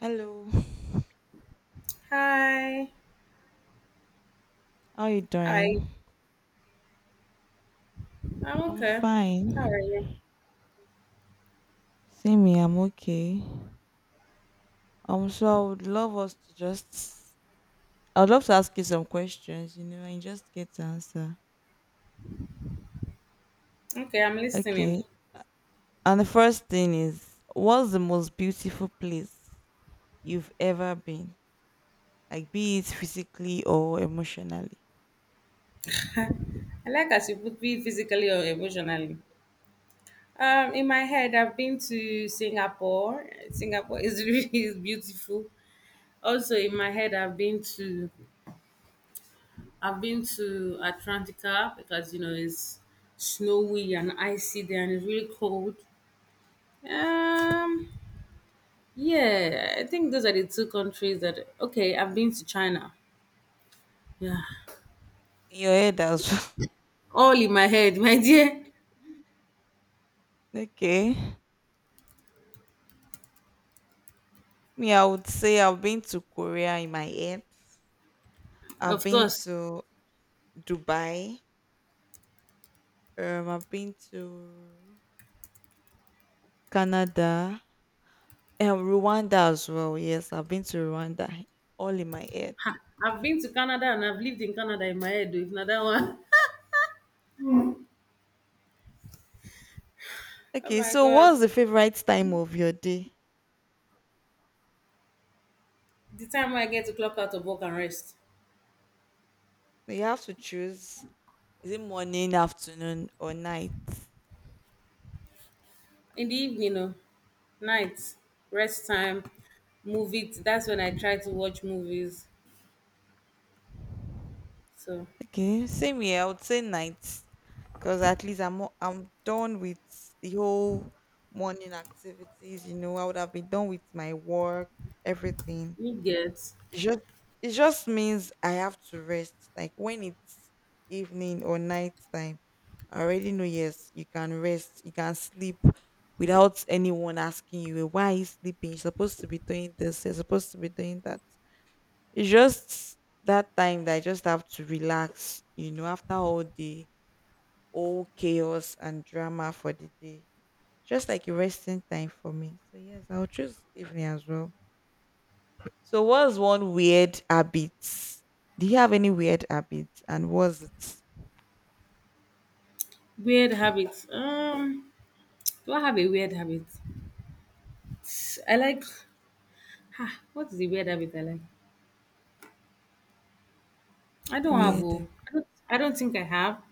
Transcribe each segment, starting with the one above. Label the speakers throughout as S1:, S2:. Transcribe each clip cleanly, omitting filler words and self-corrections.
S1: Hello,
S2: Hi.
S1: how you
S2: Hi.
S1: doing?
S2: I'm
S1: I'm
S2: okay. How are
S1: fine.
S2: you?
S1: See me, I'm okay. So I would love us to just, I would love to ask you some questions, you know, and just get to answer.
S2: Okay, I'm listening.
S1: Okay. And the first thing is, what's the most beautiful place you've ever been? Like, be it physically or emotionally.
S2: I like as you put me physically or emotionally. In my head, I've been to Singapore. Singapore is really is beautiful. Also, in my head, I've been to Atlantica because you know it's snowy and icy there and it's really cold. Um, yeah, I think those are the two countries that. Okay, I've been to China. Yeah,
S1: In your head as well.
S2: all in my head, my dear.
S1: Okay. Me, I would say I've been to Korea in my head. I've
S2: Of
S1: been
S2: course.
S1: to Dubai. I've been to Canada, and Rwanda as well. Yes, I've been to Rwanda. All in my head.
S2: Ha, I've been to Canada and I've lived in Canada in my head, though, if not that one. Oh
S1: Okay,
S2: my
S1: so
S2: God.
S1: what's the favorite time of your day?
S2: The time when I get to clock out of work and rest.
S1: You have to choose. Is it morning, afternoon, or night?
S2: In the evening, no. Night. Rest time. Movie. That's when I try to watch movies. So,
S1: Okay, same here. I would say night, because at least I'm done with the whole morning activities. You know, I would have been done with my work, everything.
S2: you get
S1: It just it just means I have to rest. Like when it's evening or night time. I already know, yes, you can rest, you can sleep without anyone asking you, why are you sleeping? You're supposed to be doing this, you're supposed to be doing that. It's just that time that I just have to relax, you know, after all chaos and drama for the day. Just like a resting time for me. So yes, I'll choose evening as well. So what's one weird habit? Do you have any weird habits? And what's it?
S2: weird habits. Do I have a weird habit? I like, ha, what is the weird habit I like? I don't have,
S1: Weird
S2: oh.
S1: hab-
S2: I don't think I have.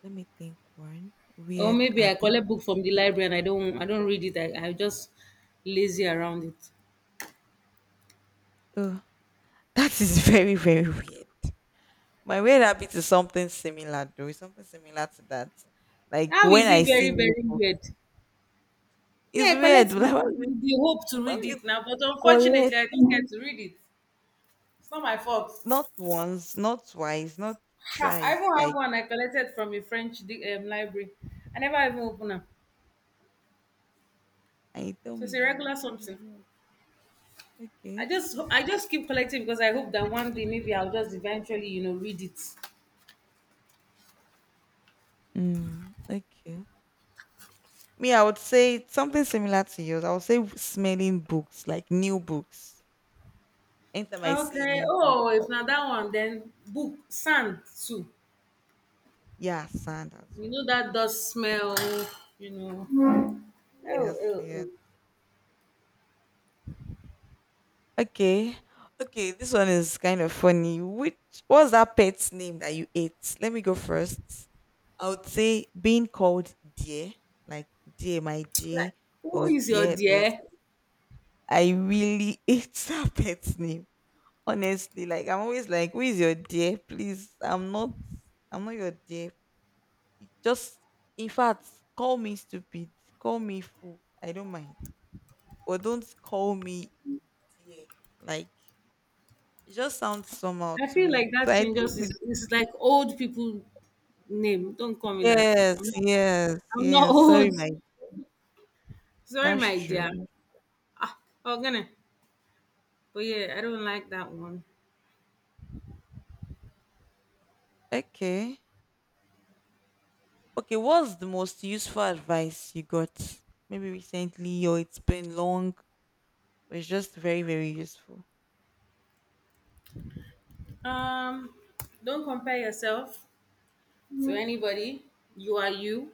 S1: Let me think one.
S2: Or
S1: Weird
S2: maybe I
S1: habit.
S2: collect book from the library and I don't read it. I just lazy around it.
S1: Oh. That is very, very weird. My weird habit is something similar, though. It's something similar to that. Like
S2: How
S1: when
S2: is it
S1: I see
S2: very,
S1: new
S2: very
S1: books,
S2: weird? Me,
S1: it's
S2: I
S1: weird.
S2: collect book
S1: Like
S2: with the hope to
S1: when
S2: read
S1: you,
S2: it now, but
S1: when you
S2: unfortunately
S1: collect,
S2: I don't get to read it. It's not my fault.
S1: not once, not twice, not
S2: Ha, I
S1: thrice.
S2: even have
S1: Like,
S2: one I collected from a French library. I never even open it.
S1: I tell
S2: So
S1: me
S2: it's a
S1: it's not
S2: regular
S1: weird. It
S2: something.
S1: is weird. Okay.
S2: I just keep collecting because I hope that one day maybe I'll just eventually, read it.
S1: Mm, okay. Me, I would say something similar to yours. I would say smelling books, like new books. Anytime I see a
S2: Okay.
S1: new book,
S2: Oh, if not that one, then book sand too.
S1: yeah, sand as
S2: You
S1: well.
S2: know that
S1: Yes.
S2: does smell, you know. Oh,
S1: Yes,
S2: oh, oh.
S1: yes. Okay. Okay, this one is kind of funny. Which What's that pet's name that you ate? Let me go first. I would say being called dear, like dear my dear
S2: Like, who
S1: or
S2: is your
S1: dear this.
S2: dear?
S1: I really ate that pet's name. Honestly, like I'm always like, who is your dear? Please, I'm not your dear. Just in fact, call me stupid. Call me fool. I don't mind. But don't call me dear. Like it just sounds somehow
S2: I
S1: to
S2: feel like
S1: me. So
S2: that
S1: I
S2: thing
S1: think
S2: just
S1: with
S2: is it's like old people name. Don't call me that.
S1: yes,
S2: I'm not
S1: yes,
S2: I'm not
S1: yes. Sorry,
S2: old.
S1: my
S2: Sorry,
S1: That's
S2: my dear.
S1: true.
S2: Ah, oh gonna. But yeah, I don't like that one.
S1: Okay. Okay, what's the most useful advice you got? Maybe recently or it's been long. But it's just very, very useful.
S2: Um don't compare yourself to anybody. You are you.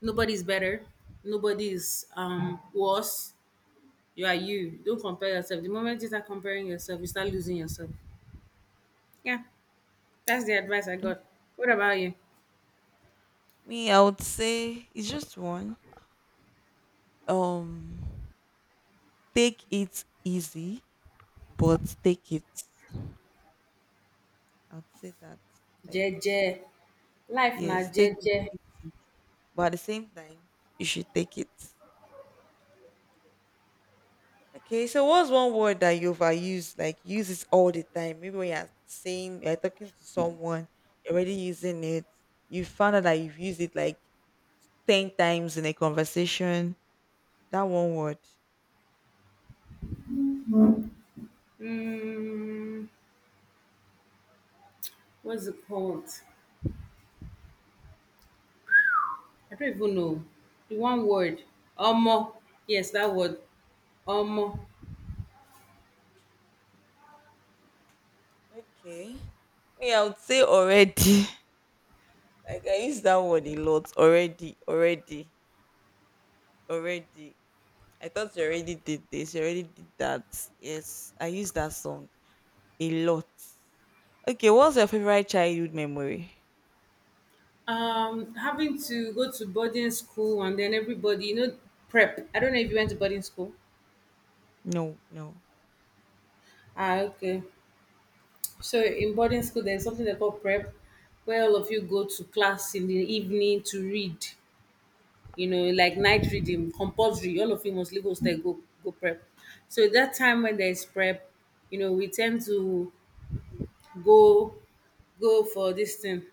S2: Nobody's better. Nobody's worse. You are you. Don't compare yourself. The moment you start comparing yourself, you start losing yourself. Yeah, that's the advice I got. What about you?
S1: Me, I would say it's just one. Um Take it easy, but take it. I would say that. Like,
S2: Jeje. Life na
S1: yes, take it
S2: jeje.
S1: easy, but at the same time, you should take it. Okay, so what's one word that you overuse? Like you use it all the time. Maybe when you're talking to someone, you're already using it. You found out that you've used it like 10 times in a conversation. That one word.
S2: Mm, what's it called? I don't even know. The one word. Omo. Yes, that word. Omo.
S1: Okay. Me, I would say already. Like I use that word a lot. Already, already, already. I thought you already did this, you already did that. Yes. I use that song a lot. Okay, what's your favorite childhood memory?
S2: Having to go to boarding school and then everybody, prep. I don't know if you went to boarding school.
S1: No, no.
S2: Ah, okay. So in boarding school, there's something they call prep, where all of you go to class in the evening to read. You know, like night reading, compulsory. All of you must leave hostel go prep. So that time when there is prep, you know, we tend to go go for this thing.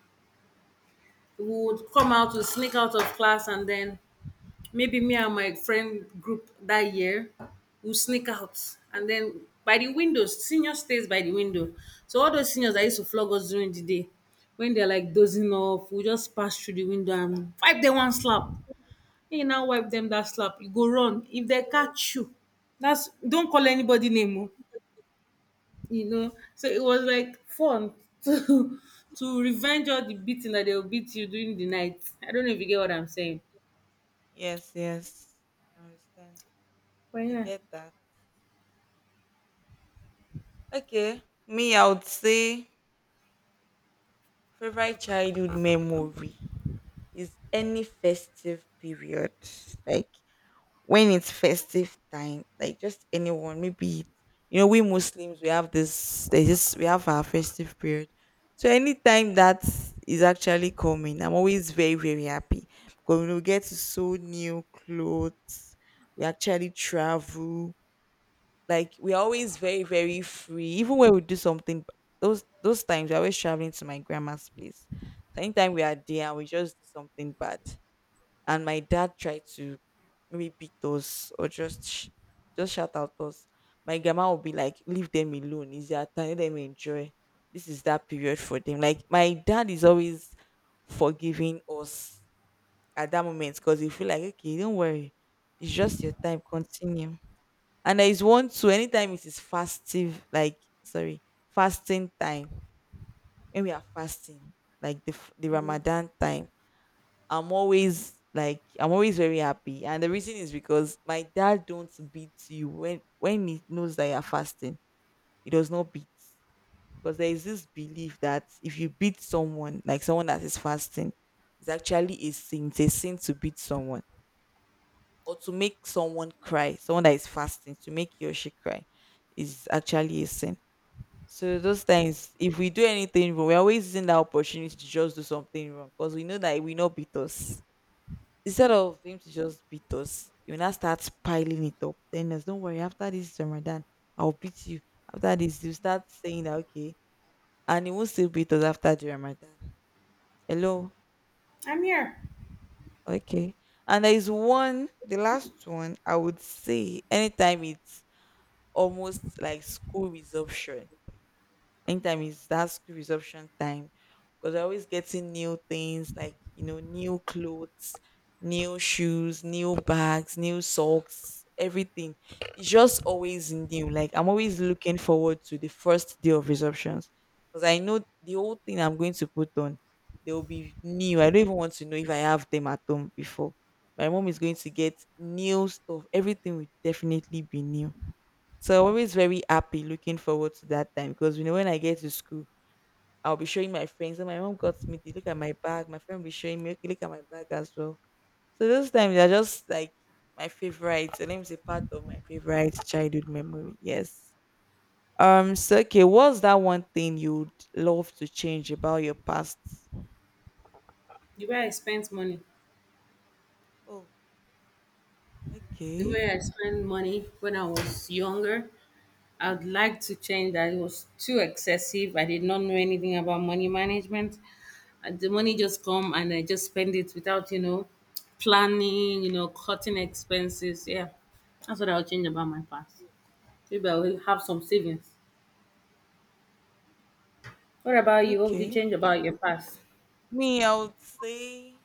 S2: We would come out, to sneak out of class, and then maybe me and my friend group that year will sneak out and then by the windows. Senior stays by the window so all those seniors that used to flog us during the day when they're like dozing off we just pass through the window and fight them one slap. Make you now wipe dem dat slap, you go run. If dem catch you, that's don't call anybody name oh, you know. So it was like fun to to revenge all the beating that they will beat you during the night. I don't know if you get what I'm saying.
S1: Yes, yes. I understand.
S2: But
S1: I
S2: yeah,
S1: get that. Okay. Me, I would say favorite childhood memory is any festive period. Like when it's festive time, like just anyone, maybe you know, we Muslims we have this, there's this we have our festive period. So anytime that is actually coming, I'm always very, very happy. Because we get to sew new clothes, we actually travel. Like we're always very, very free. Even when we do something those times we're always traveling to my grandma's place. So anytime we are there and we just do something bad and my dad tried to maybe beat us or just shout out us, my grandma would be like, leave them alone, it's their time, let them enjoy, this is that period for them. Like my dad is always forgiving us at that moment because he feel like, okay, don't worry, it's just your time, continue. And there is one too, anytime it is fastive, like sorry, fasting time, when we are fasting, like the ramadan time, I'm always like, I'm always very happy. And the reason is because my dad don't beat you when he knows that you're fasting. He does not beat. Because there is this belief that if you beat someone, like someone that is fasting, it's actually a sin. It's a sin to beat someone or to make someone cry. Someone that is fasting, to make you or she cry is actually a sin. So those times, if we do anything wrong, we're always using that opportunity to just do something wrong because we know that it will not beat us, instead of him to just beat us, you now start piling it up. Then us, don't worry, after this Ramadan, I'll beat you. After this, you start saying that, okay, and he won't still beat us after the Ramadan. Hello,
S2: I'm here.
S1: okay. And there is one, the last one I would say, anytime it's almost like school resumption, anytime is that school resumption time, because we're always getting new things, like you know, new clothes, new shoes, new bags, new socks, everything. It's just always new. Like I'm always looking forward to the first day of resumptions, because I know the whole thing I'm going to put on, they will be new. I don't even want to know if I have them at home before, my mom is going to get new stuff, everything will definitely be new. So I'm always very happy looking forward to that time, because you know, when I get to school, I'll be showing my friends. And my mom got me the look at my bag. My friend will be showing me, okay, look at my bag as well. So those times are just like my favorite. So let me say part of my favorite childhood memory. Yes. So okay, what's that one thing you'd love to change about your past?
S2: The way I spent money,
S1: Oh,
S2: the
S1: okay,
S2: way I spent money when I was younger, I'd like to change that. It was too excessive. I did not know anything about money management. And the money just come and I just spend it without, planning, cutting expenses. Yeah, that's what I'll change about my past. Maybe I will have some savings. What about you? What would you
S1: okay.
S2: change about your past?
S1: Me, I would say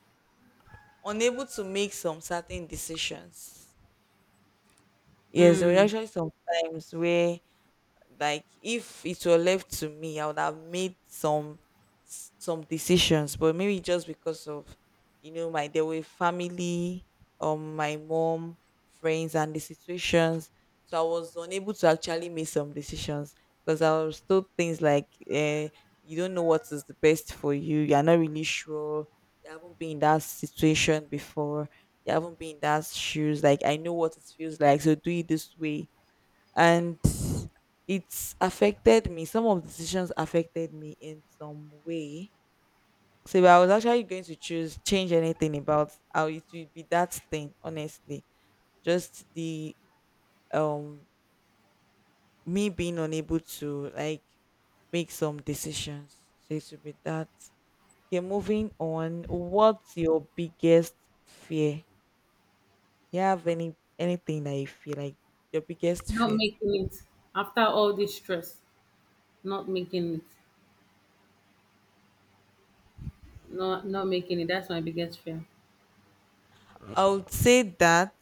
S1: unable to make some certain decisions. Yes, there were actually some times where, like if it were left to me, I would have made some decisions, but maybe just because of, you know, my there were family, my mom, friends, and the situations, so I was unable to actually make some decisions because I was told things like, eh, you don't know what is the best for you, you are not really sure, you haven't been in that situation before, you haven't been in that shoes. Like I know what it feels like, so do it this way, and it's affected me. Some of the decisions affected me in some way. So if I was actually going to choose change anything about how, it would be that thing, honestly. Just the um me being unable to like make some decisions. So it should be that. Okay, moving on. What's your biggest fear? Do you have anything that you feel like your biggest
S2: Not
S1: fear?
S2: making it after all this stress. Not making it.
S1: Okay.
S2: Not making it. That's my biggest fear.
S1: I would say that,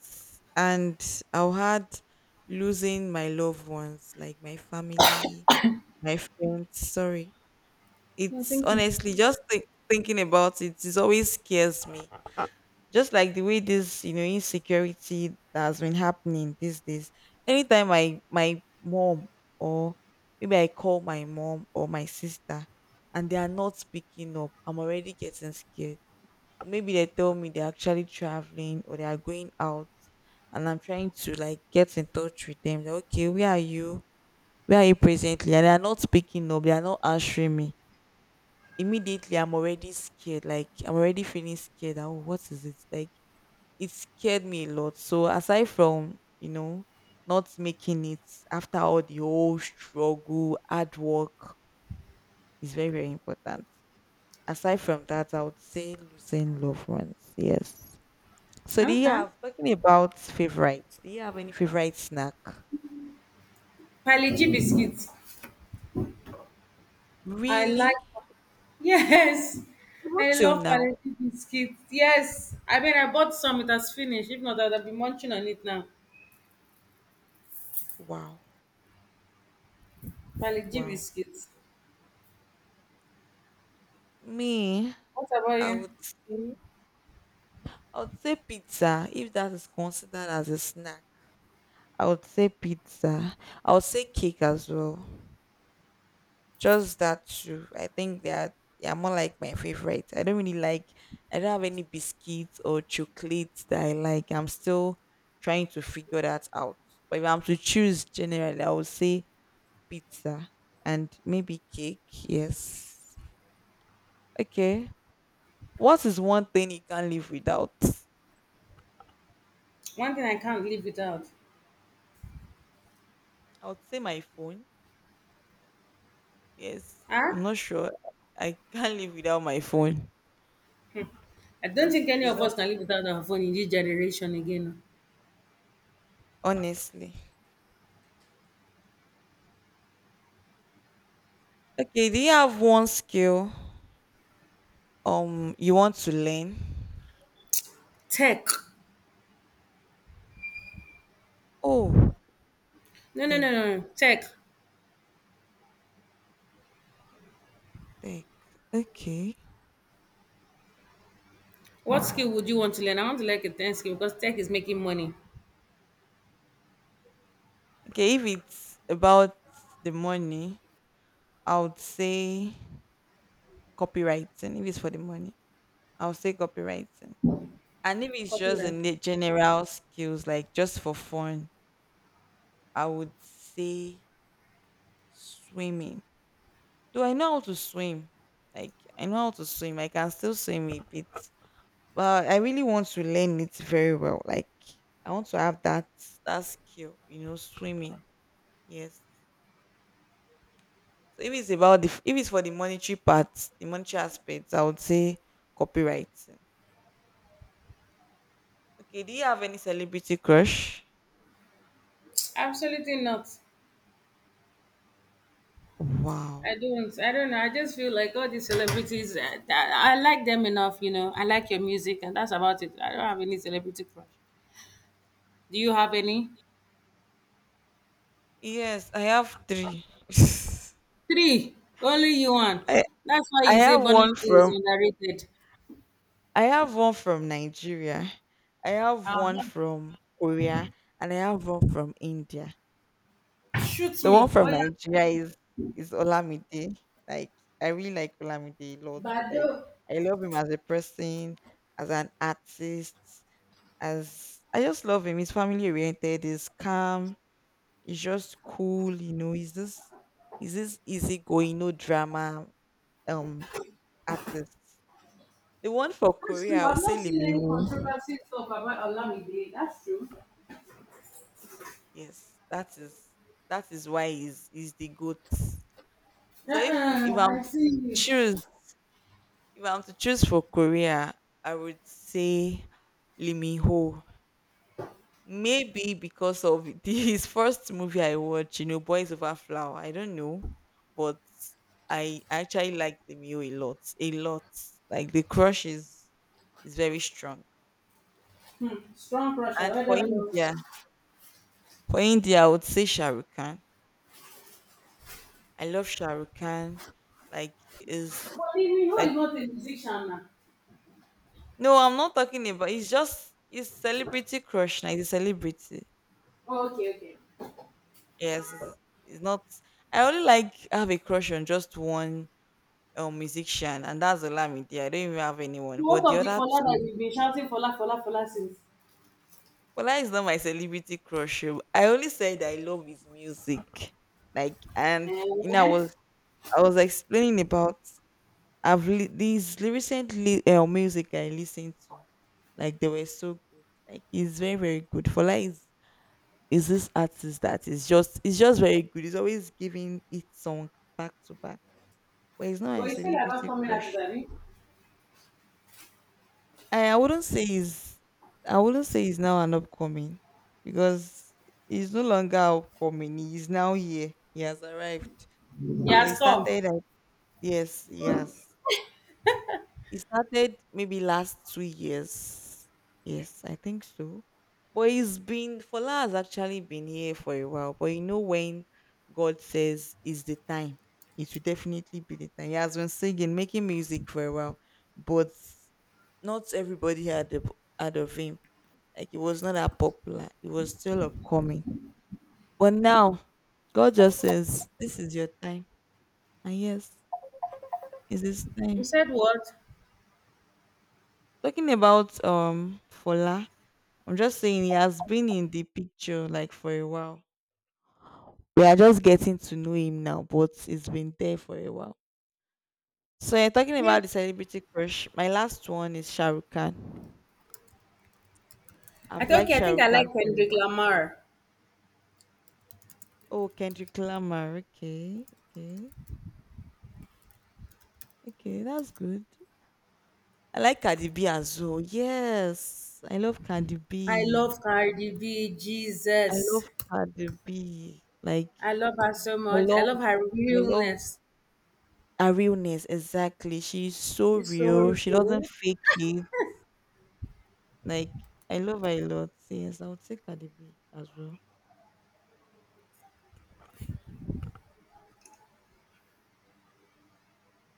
S1: and I'll add losing my loved ones, like my family, my friends. Sorry,
S2: No,
S1: it's
S2: thank you.
S1: honestly thinking about it. It always scares me. Just like the way this, you know, insecurity that has been happening these days. Anytime I my mom or maybe I call my mom or my sister, and they are not picking up, I'm already getting scared. Maybe they tell me they're actually traveling or they are going out, and I'm trying to like get in touch with them. Like, okay, where are you? Where are you presently? And they are not picking up, they are not answering me. Immediately I'm already scared. Like I'm already feeling scared, that, oh, what is it? Like it scared me a lot. So aside from, you know, not making it after all the whole struggle, hard work is very, very important. Aside from that, I would say losing loved ones. Yes. So do you
S2: Okay.
S1: have, talking about favorites, do you have any favorite snack?
S2: Pali G biscuits. I
S1: Really?
S2: like yes.
S1: Even
S2: I
S1: till
S2: love
S1: now?
S2: palliative biscuits. Yes. I mean I bought some, it has finished. If not, I'd have been munching on it now.
S1: Wow.
S2: Palliative
S1: Wow.
S2: biscuits.
S1: Me,
S2: What about
S1: I
S2: you?
S1: would say I would say pizza, if that is considered as a snack. I would say pizza. I would say cake as well. Just that too. I think they are more like my favorite. I don't have any biscuits or chocolates that I like. I'm still trying to figure that out. But if I'm to choose generally, I would say pizza and maybe cake. Yes. Okay. What is one thing you can't live without?
S2: One thing I can't live without.
S1: I would say my phone. Yes.
S2: Huh?
S1: I'm not sure. I can't live without my phone.
S2: I don't
S1: No,
S2: think any
S1: it's
S2: of
S1: not
S2: us can live without our phone in this generation again.
S1: honestly. Okay, do you have one skill you want to learn?
S2: Tech.
S1: Oh,
S2: No, no, no,
S1: tech,
S2: no, no. Tech.
S1: tech. Okay.
S2: What skill would you want to learn? I want to learn a 10 skill because tech is making money.
S1: Okay, if it's about the money, I would say copywriting. If it's for the money, I would say copywriting. And if it's just a
S2: Copywriting.
S1: general skills, like just for fun, I would say swimming. Do I know how to swim, like I know how to swim, I can still swim a bit, but I really want to learn it very well. Like I want to have that skill, you know, swimming. Yes. So if it's for the monetary part, the monetary aspects, I would say copyright. Okay, do you have any celebrity crush?
S2: Absolutely not. I
S1: Wow.
S2: don't. I don't know. I just feel like all these celebrities. That I like them enough, you know. I like your music, and that's about it. I don't have any celebrity crush. Do you have any?
S1: Yes, I have three.
S2: Three. Only you one.
S1: I
S2: That's why
S1: I
S2: you say
S1: have
S2: Burna
S1: one
S2: Boy is
S1: from
S2: underrated.
S1: I have one from Nigeria. I have one
S2: Uh-huh.
S1: from Korea and I have one from India.
S2: Shoot
S1: The one
S2: me. Oh
S1: from
S2: yeah.
S1: Nigeria is Olamide. Like I really like Olamide a lot.
S2: But
S1: Like I love him as a person, as an artist, as I just love him. He's family oriented, he's calm, he's just cool, you know, he's this easygoing, no drama um artist. The one for
S2: that's
S1: Korea,
S2: true.
S1: I'll
S2: I've
S1: say
S2: not seen
S1: Lee.
S2: any controversy stuff about Olamide. That's true.
S1: Yes, that is why he's the goat. So if
S2: Uh-uh,
S1: if I'm
S2: I see
S1: to
S2: you.
S1: choose If I'm to choose for Korea, I would say Lee Min Ho. Maybe because of his first movie I watched, you know, Boys Over Flower. I don't know, but I actually like Lee Min Ho a lot, a lot. Like the crush is very strong.
S2: Hmm. Strong pressure.
S1: And
S2: Whether or not.
S1: For India, I would say Shah Rukh Khan. I love Shah Rukh Khan. Like is
S2: But even who
S1: like
S2: is not a musician now?
S1: no, I'm not talking about. It's just it's celebrity crush. Like the celebrity.
S2: Oh, okay, okay.
S1: Yes, it's not. I only like have a crush on just one musician, and that's Olamide. I don't even have anyone,
S2: Most
S1: but the
S2: of the
S1: other
S2: Fola that
S1: two.
S2: you've been shouting Fola, Fola, Fola since?
S1: Ola is not my celebrity crush. Oh. I only said I love his music, like, and you know,
S2: Eh?
S1: I was explaining about I've these recently music I listened to, like they were so good. Like he's very very good. Fola is this artist that is just very good. He's always giving each song back to back but he's not a
S2: But you said about
S1: celebrity
S2: coming at
S1: crush.
S2: Zani.
S1: I wouldn't say he's I wouldn't say he's now an upcoming because he's no longer upcoming. He's now here. He has arrived.
S2: He
S1: But he
S2: has come.
S1: started at, yes, yes. He started maybe last 2 years. Yes, I think so. But he's been Fola has actually been here for a while. But you know when God says is the time. It will definitely be the time. He has been singing, making music for a while. But not everybody had the, heard of him. Like it was not that popular. It was still upcoming. But now God just says, "This is your time." And yes, it is
S2: You
S1: time.
S2: said what?
S1: Talking about Fola, I'm just saying he has been in the picture like for a while. We are just getting to know him now, but it's been there for a while. So yeah, talking
S2: Yeah.
S1: about the celebrity crush, my last one is Shahrukh Khan.
S2: I
S1: I've
S2: think,
S1: liked
S2: okay, I think
S1: Shahrukh
S2: I like
S1: Khan for a
S2: Kendrick
S1: while.
S2: Lamar.
S1: Oh, Kendrick Lamar. Okay, okay, okay. That's good. I like Cardi B as well. Yes, I love Cardi
S2: I
S1: B.
S2: love Cardi B,
S1: I
S2: Jesus.
S1: love Cardi B. Like
S2: I love her so
S1: I
S2: much. I love
S1: love,
S2: her
S1: I love
S2: realness.
S1: her realness. Exactly. She's so
S2: She's
S1: real.
S2: so
S1: She doesn't
S2: real.
S1: fake it. Like I love her a lot. Yes, I would say Cardi B as well.